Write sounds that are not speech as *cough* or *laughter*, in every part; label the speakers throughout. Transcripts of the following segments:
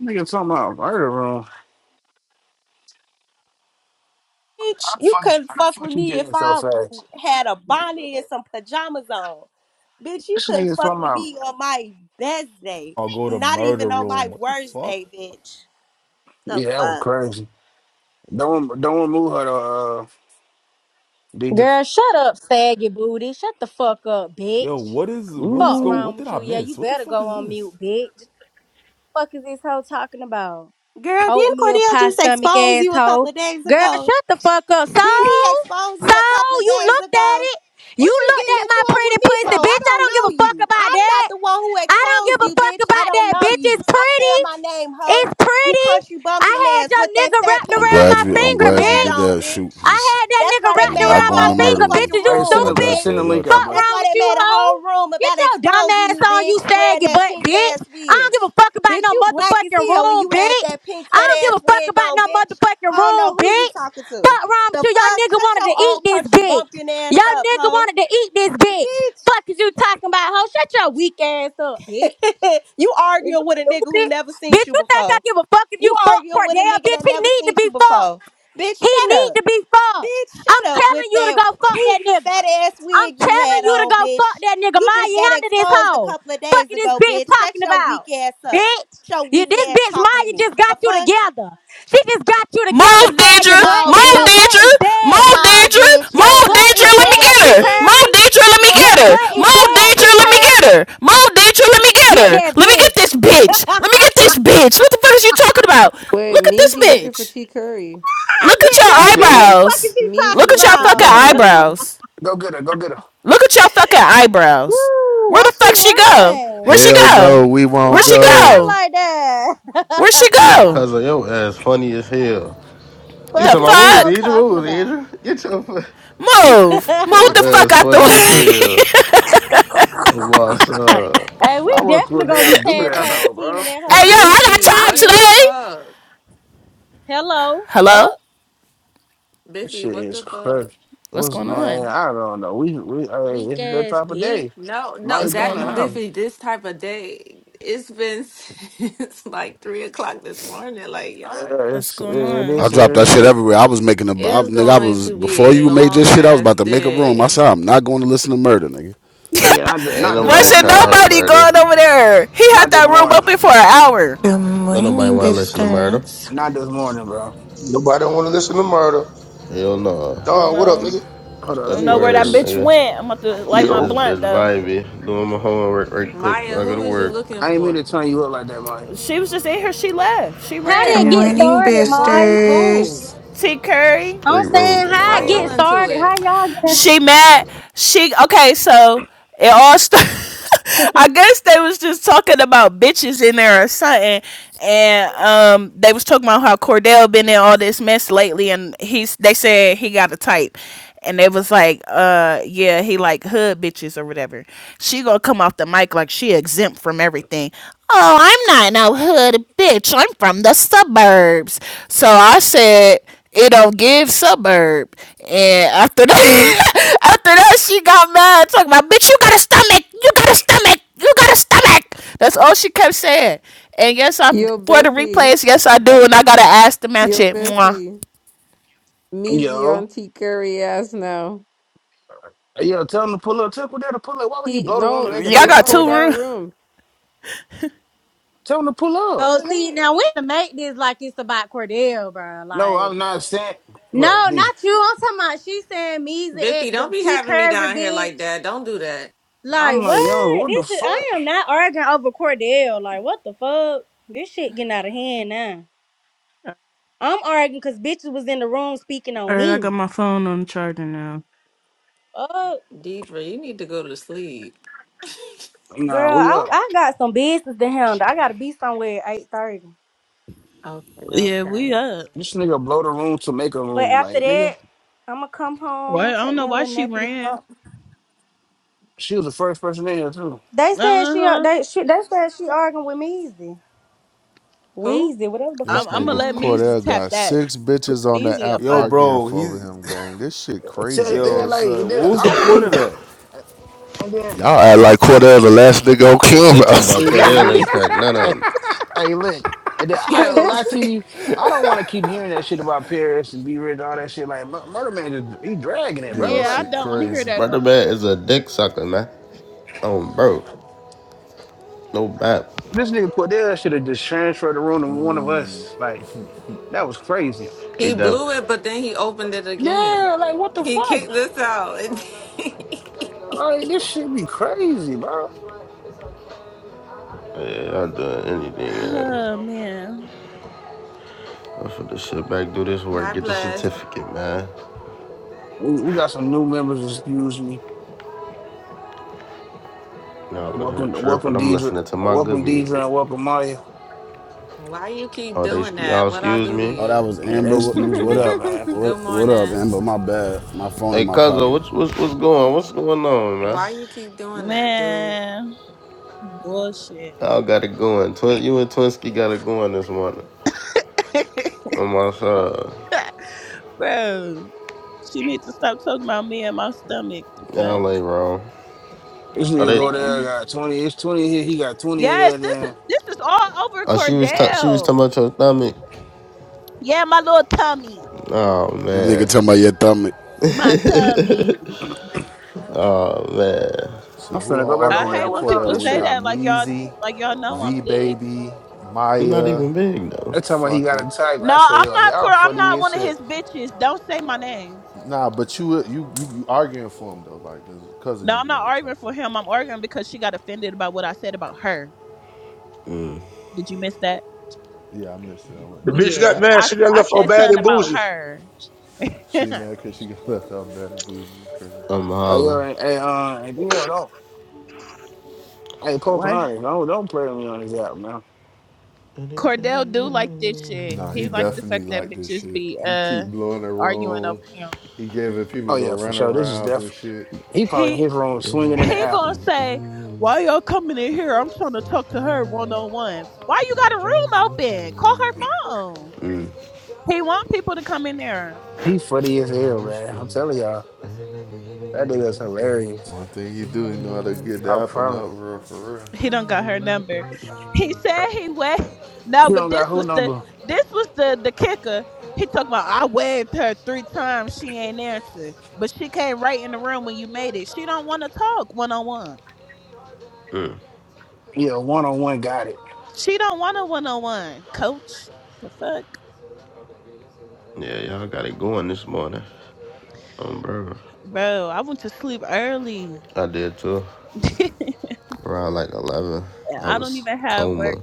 Speaker 1: Nigga talking about murder room. How
Speaker 2: Bitch,
Speaker 1: the
Speaker 2: you
Speaker 1: fuck,
Speaker 2: couldn't
Speaker 1: how the
Speaker 2: fuck with
Speaker 1: fuck you
Speaker 2: me
Speaker 1: get
Speaker 2: if
Speaker 1: in so
Speaker 2: I
Speaker 1: fast?
Speaker 2: had a bonnet and some pajamas on. Bitch, you
Speaker 1: This
Speaker 2: couldn't
Speaker 1: nigga
Speaker 2: fuck
Speaker 1: talking
Speaker 2: with
Speaker 1: about,
Speaker 2: me on my best day.
Speaker 3: I'll go to
Speaker 2: Not
Speaker 3: murder
Speaker 2: even on my
Speaker 3: room. What the
Speaker 2: worst
Speaker 3: fuck?
Speaker 2: day, bitch. The
Speaker 1: yeah, that was
Speaker 2: fuck?
Speaker 1: crazy. Don't don't remove her to uh, DJ.
Speaker 4: Girl, shut up, saggy booty. Shut the fuck up,
Speaker 3: Yo,
Speaker 4: bitch.
Speaker 3: what is what is
Speaker 4: Fuck
Speaker 3: go?
Speaker 1: Ooh.
Speaker 4: wrong
Speaker 3: What did
Speaker 4: with
Speaker 3: I
Speaker 4: you. Yeah, you
Speaker 3: miss? What the
Speaker 4: better
Speaker 3: fuck
Speaker 4: go
Speaker 3: is
Speaker 4: on
Speaker 3: this?
Speaker 4: mute, bitch. Fuck is this hoe talking about?
Speaker 2: Girl, didn't
Speaker 4: Oatmeal
Speaker 2: Cordell
Speaker 4: pie
Speaker 2: just
Speaker 4: stomach
Speaker 2: expose you a couple
Speaker 4: asshole.
Speaker 2: of days
Speaker 4: Girl,
Speaker 2: ago?
Speaker 4: shut the fuck up. So,
Speaker 2: Didn't he expose you
Speaker 4: so
Speaker 2: a couple of
Speaker 4: you
Speaker 2: days
Speaker 4: looked at
Speaker 2: ago?
Speaker 4: it. You
Speaker 2: What you
Speaker 4: looked
Speaker 2: getting
Speaker 4: at
Speaker 2: into
Speaker 4: my
Speaker 2: it
Speaker 4: pretty
Speaker 2: with me for?
Speaker 4: pussy,
Speaker 2: I
Speaker 4: bitch. I
Speaker 2: don't
Speaker 4: don't
Speaker 2: know
Speaker 4: give a fuck
Speaker 2: you.
Speaker 4: about
Speaker 2: I'm not
Speaker 4: that.
Speaker 2: the one who
Speaker 4: I don't
Speaker 2: exposed
Speaker 4: give a
Speaker 2: you,
Speaker 4: fuck
Speaker 2: bitch. I
Speaker 4: about
Speaker 2: don't
Speaker 4: that,
Speaker 2: know
Speaker 4: bitch. It's
Speaker 2: you. Stop saying my
Speaker 4: pretty.
Speaker 2: name, hoe.
Speaker 4: It's
Speaker 2: You
Speaker 4: pretty.
Speaker 2: country
Speaker 4: I
Speaker 2: bumpkin ass
Speaker 4: had your
Speaker 2: with that
Speaker 4: nigga
Speaker 2: fat
Speaker 4: wrapped
Speaker 5: I'm
Speaker 2: pink
Speaker 4: around
Speaker 2: ass
Speaker 5: glad
Speaker 4: my
Speaker 5: you. I'm
Speaker 2: wig
Speaker 4: finger,
Speaker 2: you
Speaker 5: glad you
Speaker 2: had
Speaker 5: did
Speaker 4: bitch.
Speaker 2: on,
Speaker 5: that shoot
Speaker 2: bitch.
Speaker 4: I
Speaker 5: because
Speaker 4: had that
Speaker 2: That's
Speaker 4: nigga
Speaker 2: why
Speaker 5: I
Speaker 2: they
Speaker 5: was
Speaker 4: wrapped
Speaker 2: made a
Speaker 5: not
Speaker 4: around
Speaker 5: going
Speaker 4: my
Speaker 2: whole
Speaker 5: to murder
Speaker 4: finger,
Speaker 2: motherfucking
Speaker 4: bitch.
Speaker 5: room.
Speaker 4: Is you
Speaker 1: Hey, send
Speaker 5: I
Speaker 2: room,
Speaker 1: the
Speaker 4: stupid?
Speaker 5: got you.
Speaker 1: send the
Speaker 5: I
Speaker 2: bitch.
Speaker 1: link
Speaker 5: got
Speaker 1: out,
Speaker 5: you.
Speaker 4: Fuck
Speaker 2: That's
Speaker 4: wrong
Speaker 1: bless.
Speaker 2: why
Speaker 4: with
Speaker 2: they
Speaker 4: you,
Speaker 2: made a
Speaker 4: hoe?
Speaker 2: whole room
Speaker 4: Get
Speaker 2: about
Speaker 4: your dumb
Speaker 2: exposing
Speaker 4: ass
Speaker 2: you,
Speaker 4: on, you
Speaker 2: bitch, wearing
Speaker 4: saggy
Speaker 2: that
Speaker 4: butt,
Speaker 2: pink
Speaker 4: bitch.
Speaker 2: ass
Speaker 4: I don't
Speaker 2: wig.
Speaker 4: give a fuck about
Speaker 2: Bitch,
Speaker 4: no
Speaker 2: you black as
Speaker 4: motherfucking
Speaker 2: hell when
Speaker 4: room,
Speaker 2: you had
Speaker 4: bitch.
Speaker 2: that pink
Speaker 4: I
Speaker 2: fat
Speaker 4: don't give
Speaker 2: ass
Speaker 4: a fuck
Speaker 2: wig
Speaker 4: about
Speaker 2: on,
Speaker 4: no
Speaker 2: bitch.
Speaker 4: motherfucking
Speaker 2: I don't know
Speaker 4: room,
Speaker 2: who you
Speaker 4: bitch.
Speaker 2: talking to.
Speaker 4: Fuck wrong
Speaker 2: The
Speaker 4: with you? Y'all
Speaker 2: fuck?
Speaker 4: nigga
Speaker 2: Shut
Speaker 4: wanted to
Speaker 2: your
Speaker 4: eat
Speaker 2: old
Speaker 4: this
Speaker 2: country
Speaker 4: bitch.
Speaker 2: bumpkin ass
Speaker 4: Y'all
Speaker 2: up,
Speaker 4: nigga
Speaker 2: hoe.
Speaker 4: wanted to eat this bitch.
Speaker 2: Bitch.
Speaker 4: Fuck is you talking about, hoe? Shut your weak ass up, bitch.
Speaker 2: *laughs* you
Speaker 4: Is you
Speaker 2: arguing with a nigga who
Speaker 4: stupid?
Speaker 2: never seen
Speaker 4: Bitch,
Speaker 2: you
Speaker 4: you think I
Speaker 2: before.
Speaker 4: give a fuck if
Speaker 2: You
Speaker 4: you fuck
Speaker 2: arguing with a
Speaker 4: Cordell,
Speaker 2: nigga
Speaker 4: bitch?
Speaker 2: that
Speaker 4: He
Speaker 2: never
Speaker 4: need to
Speaker 2: seen you
Speaker 4: be fucked.
Speaker 2: before. Bitch,
Speaker 4: He
Speaker 2: shut
Speaker 4: need
Speaker 2: up.
Speaker 4: to be fucked.
Speaker 2: Bitch,
Speaker 4: I'm
Speaker 2: shut up with
Speaker 4: telling you to
Speaker 2: that
Speaker 4: go fuck
Speaker 2: pink
Speaker 4: that nigga.
Speaker 2: fat ass
Speaker 4: I'm
Speaker 2: wig you
Speaker 4: telling
Speaker 2: had
Speaker 4: you to
Speaker 2: on,
Speaker 4: go fuck
Speaker 2: bitch.
Speaker 4: that nigga.
Speaker 2: You
Speaker 4: Mind
Speaker 2: just
Speaker 4: you
Speaker 2: got
Speaker 4: handle this
Speaker 2: exposed a
Speaker 4: hoe.
Speaker 2: couple of
Speaker 4: Fuck
Speaker 2: days
Speaker 4: is this
Speaker 2: ago,
Speaker 4: bitch
Speaker 2: bitch. Shut
Speaker 4: talking
Speaker 2: your weak
Speaker 4: about.
Speaker 2: ass up.
Speaker 4: Bitch.
Speaker 2: Shut your
Speaker 4: You,
Speaker 2: weak
Speaker 4: this
Speaker 2: ass
Speaker 4: bitch
Speaker 2: talking to
Speaker 4: Maya
Speaker 2: me.
Speaker 4: just
Speaker 2: The
Speaker 4: got you
Speaker 2: fuck?
Speaker 4: together. She just got you together,
Speaker 6: Move,
Speaker 4: sad your
Speaker 6: Deidre.
Speaker 4: butt.
Speaker 2: No,
Speaker 4: Bitch,
Speaker 6: Move,
Speaker 4: your butt
Speaker 2: bitch.
Speaker 6: Deidre.
Speaker 4: is
Speaker 6: Move,
Speaker 4: dead.
Speaker 2: No,
Speaker 6: Deidre.
Speaker 2: bitch. You
Speaker 4: Your
Speaker 6: Move,
Speaker 2: ain't get
Speaker 4: butt
Speaker 6: Deidre.
Speaker 4: is
Speaker 2: shit
Speaker 6: Let me
Speaker 4: dead,
Speaker 6: get
Speaker 2: together,
Speaker 4: T.
Speaker 6: her.
Speaker 2: bitch.
Speaker 6: Move,
Speaker 4: Curry.
Speaker 6: Deidre. Let me
Speaker 2: You ain't
Speaker 4: Your
Speaker 6: get
Speaker 2: get
Speaker 4: butt
Speaker 6: her.
Speaker 4: is
Speaker 2: shit
Speaker 6: Move,
Speaker 4: dead,
Speaker 6: Deidre.
Speaker 2: together,
Speaker 4: T.
Speaker 6: Let me
Speaker 2: bitch.
Speaker 6: get
Speaker 4: Curry.
Speaker 6: her. Move, Deidre. Let me get
Speaker 4: Get
Speaker 6: her.
Speaker 4: that
Speaker 6: Let me get
Speaker 4: bitch.
Speaker 6: this bitch. Let me get this bitch. What the fuck is you talking about?
Speaker 7: Wait,
Speaker 6: Look at this
Speaker 7: Measy looking for
Speaker 6: bitch.
Speaker 7: T Curry.
Speaker 4: I
Speaker 6: Look at
Speaker 4: get
Speaker 6: your
Speaker 1: You
Speaker 4: that
Speaker 1: said who?
Speaker 4: bitch. Fuck is
Speaker 6: eyebrows.
Speaker 4: she
Speaker 7: Measy
Speaker 4: talking
Speaker 6: Look at
Speaker 7: looking
Speaker 6: your
Speaker 7: for
Speaker 6: fucking
Speaker 7: T
Speaker 1: Go g-
Speaker 4: about?
Speaker 7: Curry.
Speaker 6: eyebrows.
Speaker 1: go get her, go get her.
Speaker 6: Look at your fucking
Speaker 4: *laughs*
Speaker 6: eyebrows.
Speaker 4: Woo,
Speaker 6: Where
Speaker 4: why
Speaker 6: the
Speaker 4: she
Speaker 6: fuck she go?
Speaker 4: run?
Speaker 6: Where she
Speaker 8: Hell
Speaker 6: go?
Speaker 8: no, we
Speaker 6: Where
Speaker 8: won't
Speaker 4: Why
Speaker 6: she
Speaker 4: she
Speaker 8: go.
Speaker 4: run
Speaker 6: go?
Speaker 4: like that?
Speaker 6: Where she
Speaker 4: *laughs*
Speaker 9: Hey,
Speaker 6: go?
Speaker 9: cousin, your ass funny as hell. You
Speaker 4: Fuck
Speaker 6: The
Speaker 9: talking
Speaker 4: is
Speaker 9: about
Speaker 4: this
Speaker 9: move,
Speaker 4: hoe
Speaker 6: fuck?
Speaker 9: did you?
Speaker 4: talking
Speaker 9: Move, did
Speaker 4: about?
Speaker 9: you? Get your, fu-
Speaker 6: Move. Move the
Speaker 9: your
Speaker 6: fuck
Speaker 9: ass
Speaker 6: out the
Speaker 9: funny as
Speaker 6: way. *laughs*
Speaker 9: hell. What's up?
Speaker 4: Hey, we
Speaker 1: Why would
Speaker 4: definitely gonna be
Speaker 1: Cordell do
Speaker 4: tag
Speaker 10: Bro,
Speaker 1: that
Speaker 4: ta-
Speaker 1: though,
Speaker 4: teaming
Speaker 1: bro?
Speaker 4: that hoe
Speaker 6: Hey
Speaker 4: when
Speaker 6: yo,
Speaker 4: I
Speaker 6: I
Speaker 4: get
Speaker 6: got
Speaker 4: these
Speaker 10: Biffy,
Speaker 6: time
Speaker 10: what the
Speaker 4: wires.
Speaker 6: today.
Speaker 10: fuck?
Speaker 4: Hello,
Speaker 6: Hello?
Speaker 4: fuck,
Speaker 1: This
Speaker 10: Biffy,
Speaker 1: shit
Speaker 10: what
Speaker 1: is
Speaker 10: the
Speaker 1: crazy.
Speaker 10: fuck?
Speaker 6: What's
Speaker 1: What's
Speaker 6: going
Speaker 1: man?
Speaker 6: on?
Speaker 1: I don't know. We we hey,
Speaker 4: weak
Speaker 1: it's that
Speaker 4: ass
Speaker 1: type of
Speaker 4: bitch.
Speaker 1: day.
Speaker 10: No, no,
Speaker 1: Mike
Speaker 6: What's
Speaker 1: doing
Speaker 6: going
Speaker 1: it
Speaker 10: that
Speaker 1: how?
Speaker 6: on?
Speaker 10: Biffy, this type of day, it's been *laughs* since like three o'clock this morning. Like, y'all are,
Speaker 1: Yeah,
Speaker 6: What's
Speaker 1: it's
Speaker 6: going
Speaker 1: it
Speaker 5: I
Speaker 1: is
Speaker 6: on?
Speaker 1: what
Speaker 5: dropped
Speaker 1: it
Speaker 5: that shit
Speaker 1: is.
Speaker 5: everywhere. I was making a I,
Speaker 10: it's
Speaker 5: nigga. I
Speaker 10: going
Speaker 5: was
Speaker 10: to
Speaker 5: before
Speaker 10: be a
Speaker 5: you made
Speaker 10: long
Speaker 5: this shit. I was
Speaker 10: ass
Speaker 5: about to make a room. I
Speaker 10: day.
Speaker 5: said I'm not going to listen to murder, nigga.
Speaker 6: *laughs*
Speaker 1: But yeah,
Speaker 6: Why
Speaker 1: not, th-
Speaker 9: Ain't
Speaker 1: not this
Speaker 9: nobody
Speaker 6: should
Speaker 1: morning,
Speaker 9: trying to
Speaker 1: bro.
Speaker 9: have
Speaker 6: nobody
Speaker 9: murder.
Speaker 6: going over there? He had
Speaker 1: Not this
Speaker 6: that room
Speaker 1: morning.
Speaker 6: open for an hour.
Speaker 11: Good
Speaker 9: Don't nobody
Speaker 11: morning,
Speaker 9: want to listen to murder.
Speaker 11: Bifsters.
Speaker 1: Not this morning, bro.
Speaker 12: Nobody don't want to listen to murder.
Speaker 9: Hell
Speaker 6: I
Speaker 9: no.
Speaker 6: don't
Speaker 12: Don, what up,
Speaker 1: Hold on.
Speaker 6: know.
Speaker 12: nigga?
Speaker 9: It's
Speaker 1: Hold on.
Speaker 6: I
Speaker 1: Let
Speaker 9: that
Speaker 6: don't
Speaker 1: me
Speaker 6: know where
Speaker 1: get
Speaker 6: that
Speaker 9: word,
Speaker 1: this.
Speaker 6: bitch
Speaker 9: nigga.
Speaker 6: went. I'm about to light my
Speaker 9: This
Speaker 12: Yo.
Speaker 6: blunt
Speaker 9: bitch
Speaker 6: though.
Speaker 9: vibey. Doing my homework right quick
Speaker 10: Maya,
Speaker 9: before I go to
Speaker 10: who is you
Speaker 9: work.
Speaker 10: looking
Speaker 1: I ain't mean to
Speaker 10: for?
Speaker 1: turn you up like that, Mike.
Speaker 6: She was just in here. She left. She
Speaker 4: How
Speaker 11: Good
Speaker 6: ran,
Speaker 4: did it get
Speaker 6: Amber.
Speaker 11: morning,
Speaker 4: started,
Speaker 10: Who,
Speaker 4: Maya?
Speaker 11: Bifsters.
Speaker 10: who?
Speaker 6: T
Speaker 9: It's
Speaker 6: Curry.
Speaker 9: three
Speaker 4: I'm
Speaker 9: rooms
Speaker 4: saying
Speaker 9: and
Speaker 4: how it
Speaker 10: Why
Speaker 9: all
Speaker 4: get
Speaker 10: y'all
Speaker 9: that.
Speaker 10: into
Speaker 4: started.
Speaker 10: it?
Speaker 4: How y'all get us?
Speaker 6: She mad. She okay. So it all started. *laughs* I guess they was just talking about bitches in there or something, and um, they was talking about how Cordell been in all this mess lately, and he's they said he got a type, and they was like, uh, yeah, he like hood bitches or whatever. She gonna come off the mic like she exempt from everything. Oh, I'm not no hood bitch. I'm from the suburbs. So I said it don't give suburb. And after that, *laughs* after that, she got mad, talking about, bitch, you got a stomach, you got a stomach, you got a stomach. That's all she kept saying. And yes, I
Speaker 7: Yo,
Speaker 6: for the
Speaker 7: Biffy.
Speaker 6: replays, yes, I do, and I gotta ask to match
Speaker 7: Yo,
Speaker 6: it. Mwah.
Speaker 7: Biffy. Measy
Speaker 1: Yo.
Speaker 7: on T Curry ass now.
Speaker 1: Yo, tell him to pull up. Tell Cordell to pull up. Why would he
Speaker 7: He
Speaker 1: blow the room and
Speaker 7: no,
Speaker 1: make
Speaker 6: Y'all
Speaker 1: another
Speaker 7: it's
Speaker 6: got
Speaker 1: room?
Speaker 6: two
Speaker 1: Like,
Speaker 7: Cordell
Speaker 6: room.
Speaker 7: Room.
Speaker 1: tell him to pull up.
Speaker 4: Oh, see, now we to make this like it's about Cordell, bro.
Speaker 1: No, I'm
Speaker 4: Like,
Speaker 1: not saying, bro,
Speaker 4: no,
Speaker 1: DJ.
Speaker 4: not you. I'm talking about. She saying me's
Speaker 10: Biffy,
Speaker 4: at
Speaker 10: don't
Speaker 4: the
Speaker 10: be
Speaker 4: T
Speaker 10: having me
Speaker 4: Curry
Speaker 10: down here
Speaker 4: bitch.
Speaker 10: like that. Don't do that.
Speaker 1: I'm
Speaker 4: Like
Speaker 1: like, yo,
Speaker 4: what?
Speaker 1: what the
Speaker 4: This is
Speaker 1: fuck?
Speaker 4: I am not arguing over Cordell. Like what the fuck? This shit getting out of hand now. I'm arguing because bitches was in the room speaking on
Speaker 6: All right, I
Speaker 4: me.
Speaker 6: got my phone on charger now.
Speaker 4: Fuck,
Speaker 10: Deidre, you need to go to sleep.
Speaker 1: Nah,
Speaker 4: girl,
Speaker 1: we
Speaker 4: I
Speaker 1: up.
Speaker 4: I got some business to handle. I gotta be somewhere at eight thirty.
Speaker 10: Okay, okay.
Speaker 1: This nigga blow the room to make a
Speaker 4: But
Speaker 1: room. Like,
Speaker 4: after
Speaker 1: nigga,
Speaker 4: that, I'ma come home, take me a little nappy nap.
Speaker 1: she was the first person in here, too.
Speaker 4: They said she they she they said she arguing with Measy.
Speaker 10: Who?
Speaker 4: Weezy, whatever the
Speaker 8: This
Speaker 4: fuck her
Speaker 8: nigga
Speaker 4: name
Speaker 8: Cordell got six bitches on the app
Speaker 3: Yo,
Speaker 8: arguing
Speaker 3: bro,
Speaker 8: for over
Speaker 3: he's
Speaker 8: him, gang. This shit
Speaker 1: Tell,
Speaker 8: crazy,
Speaker 1: yeah,
Speaker 3: yo.
Speaker 8: gang.
Speaker 1: like,
Speaker 3: So,
Speaker 1: nigga,
Speaker 3: what was
Speaker 1: I
Speaker 3: the
Speaker 1: don't
Speaker 3: point
Speaker 1: even.
Speaker 3: of that?
Speaker 1: And then,
Speaker 8: Y'all act like Cordell the last nigga on
Speaker 9: They talking
Speaker 8: Clubhouse.
Speaker 9: about
Speaker 8: *laughs*
Speaker 1: hey, yo,
Speaker 9: Cordell ain't
Speaker 1: lit.
Speaker 9: cracked none
Speaker 1: *laughs*
Speaker 9: of them.
Speaker 1: Hey, look, and then
Speaker 10: *laughs*
Speaker 1: I
Speaker 4: is.
Speaker 1: ain't
Speaker 4: *laughs*
Speaker 1: gonna
Speaker 10: Yo,
Speaker 1: lie to
Speaker 10: *laughs*
Speaker 1: you. I don't want to keep hearing that shit about Paris and B Rich and all that shit. Like, Mur- Murder Man, just he dragging it,
Speaker 8: Yeah,
Speaker 1: bro.
Speaker 8: this
Speaker 6: Yeah,
Speaker 1: Like,
Speaker 6: I
Speaker 8: shit
Speaker 6: don't want to hear
Speaker 8: crazy.
Speaker 6: that
Speaker 9: Murder
Speaker 6: no
Speaker 9: man is
Speaker 6: more.
Speaker 9: a dick sucker, man. Oh, bro. No bap.
Speaker 1: this nigga Cordell should have just transferred the room to one of
Speaker 8: Mm.
Speaker 1: us. Like,
Speaker 8: *laughs*
Speaker 1: that was crazy.
Speaker 9: He
Speaker 10: He
Speaker 9: done
Speaker 10: blew it, but then he opened it again.
Speaker 1: Yeah, like, what the
Speaker 10: He kicked
Speaker 1: fuck?
Speaker 10: us out.
Speaker 1: Like, this shit be crazy, bro.
Speaker 9: Yeah, I'm doing anything, yeah. I'm finna sit back, do this
Speaker 10: *laughs*
Speaker 9: work,
Speaker 10: Hi,
Speaker 9: get the
Speaker 10: bless.
Speaker 9: certificate, man.
Speaker 1: We, we got some new members, excuse me.
Speaker 9: Y'all over
Speaker 1: Welcome,
Speaker 9: here tripping.
Speaker 1: welcome,
Speaker 9: I'm
Speaker 1: Deidre.
Speaker 9: listening to my good
Speaker 1: Welcome, Deidre,
Speaker 9: music.
Speaker 1: and welcome, Maya.
Speaker 10: Why you keep
Speaker 9: Oh, they
Speaker 10: doing
Speaker 9: y'all
Speaker 10: that? What I
Speaker 9: excuse
Speaker 10: do to
Speaker 9: me.
Speaker 5: Oh, that
Speaker 10: you?
Speaker 5: was
Speaker 1: Yeah, they
Speaker 5: Amber. What,
Speaker 1: excuse me
Speaker 5: what
Speaker 1: now,
Speaker 5: up?
Speaker 1: man.
Speaker 5: What
Speaker 10: Good
Speaker 5: What up,
Speaker 10: morning.
Speaker 5: Amber? My bad. My phone in
Speaker 9: Hey,
Speaker 5: my
Speaker 9: Cuzzo,
Speaker 5: pocket.
Speaker 9: what's what's what's going? What's going on, man?
Speaker 10: Why you keep doing that, dude?
Speaker 6: Man, bullshit.
Speaker 9: Y'all got it going. Twin, you and Twinsky got it going this morning. On my side,
Speaker 6: Bro, she needs to stop talking about me and my stomach. The
Speaker 9: y'all ain't wrong.
Speaker 1: This
Speaker 9: Are
Speaker 1: nigga
Speaker 9: they?
Speaker 1: go
Speaker 6: fuck?
Speaker 1: there, got 20. It's 20 here. He got 20 in
Speaker 6: Yes,
Speaker 1: there.
Speaker 6: this is
Speaker 1: Then
Speaker 6: this is all over
Speaker 9: Oh, she was ta-
Speaker 6: Cordell.
Speaker 9: she was talking about your stomach. Oh
Speaker 5: This nigga
Speaker 9: man,
Speaker 5: talking about your stomach.
Speaker 9: oh man.
Speaker 1: I'm
Speaker 8: So who
Speaker 1: finna go
Speaker 8: are
Speaker 1: back over
Speaker 8: arguing
Speaker 1: there
Speaker 8: over
Speaker 1: with him.
Speaker 8: Cordell?
Speaker 1: This
Speaker 8: We
Speaker 1: shit.
Speaker 8: got Meezy, V Baby,
Speaker 9: I'm not
Speaker 8: Maya,
Speaker 9: even big though.
Speaker 1: I talking about he got a
Speaker 8: fucking.
Speaker 1: type. I say, yo, y'all funny as shit.
Speaker 8: Nah, but you you you, you arguing for him though, like cause of him, like type shit. Yeah, yeah, I missed it. I
Speaker 12: The
Speaker 8: wasn't in. there.
Speaker 12: bitch got mad. She got left for bad and bougie.
Speaker 8: She mad cause she *laughs* got left out bad and bougie is crazy.
Speaker 9: I'm
Speaker 1: Oh,
Speaker 9: hollering.
Speaker 1: yo, and, and, uh, and you know, don't, hey, Pocahontas, don't, don't play with me on this album, man.
Speaker 8: Nah, he definitely liked this shit. He keep blowing the room. He gave it
Speaker 1: Oh,
Speaker 8: people to
Speaker 1: yeah, for
Speaker 8: run
Speaker 1: sure. This is
Speaker 8: arounds and
Speaker 1: def.
Speaker 8: shit.
Speaker 1: He probably in his room swinging in the air. He funny as hell, man. I'm
Speaker 9: Mm-mm.
Speaker 1: telling y'all,
Speaker 9: Mm.
Speaker 1: that nigga's hilarious.
Speaker 8: One thing he do, he know how to get the
Speaker 1: I
Speaker 8: app and
Speaker 1: promise.
Speaker 8: up real for real.
Speaker 1: He don't got who number. Yeah, one on one got it.
Speaker 9: Yeah, y'all got it going this morning. Um, bro, I did too. Around like eleven, I was coma.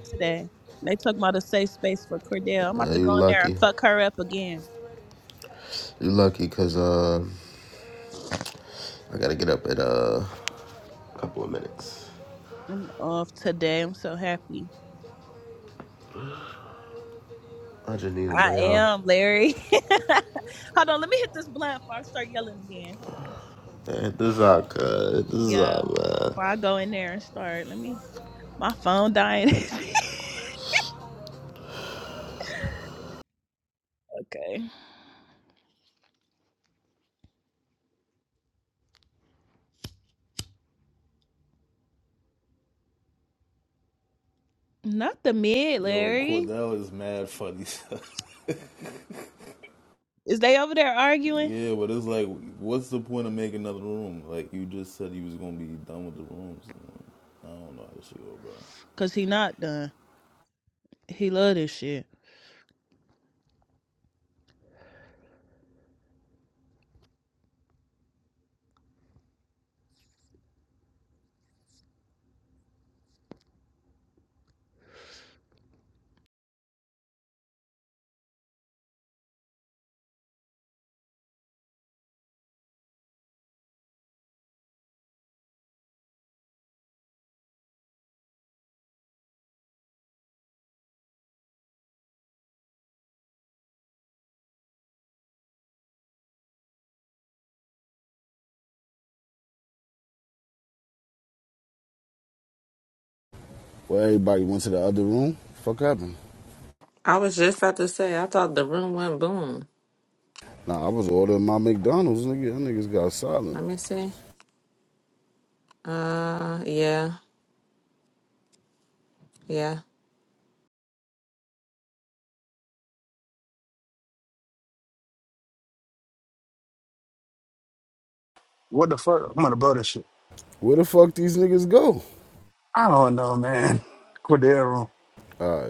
Speaker 9: Uh, you lucky, you lucky, cause uh, I gotta get up in uh, a couple of minutes. I just need a day off. Man, this is all good. This is all man.
Speaker 3: Yo, Cordell is mad funny. *laughs* yeah, but it's like, what's the point of making another room? Like you just said, you was gonna be done with the rooms. I don't know how this shit go, bro.
Speaker 5: Well, everybody went to the other room. Fuck happened?
Speaker 10: I was just about to say. I thought the room went boom.
Speaker 5: Nah, I was ordering my McDonald's, nigga. That niggas got silent.
Speaker 10: Let me see. Uh, yeah, yeah.
Speaker 1: What the fuck? I'm gonna blow this shit.
Speaker 5: Where the fuck these niggas go?
Speaker 1: I don't know, man. *laughs* Cordero.
Speaker 5: All right.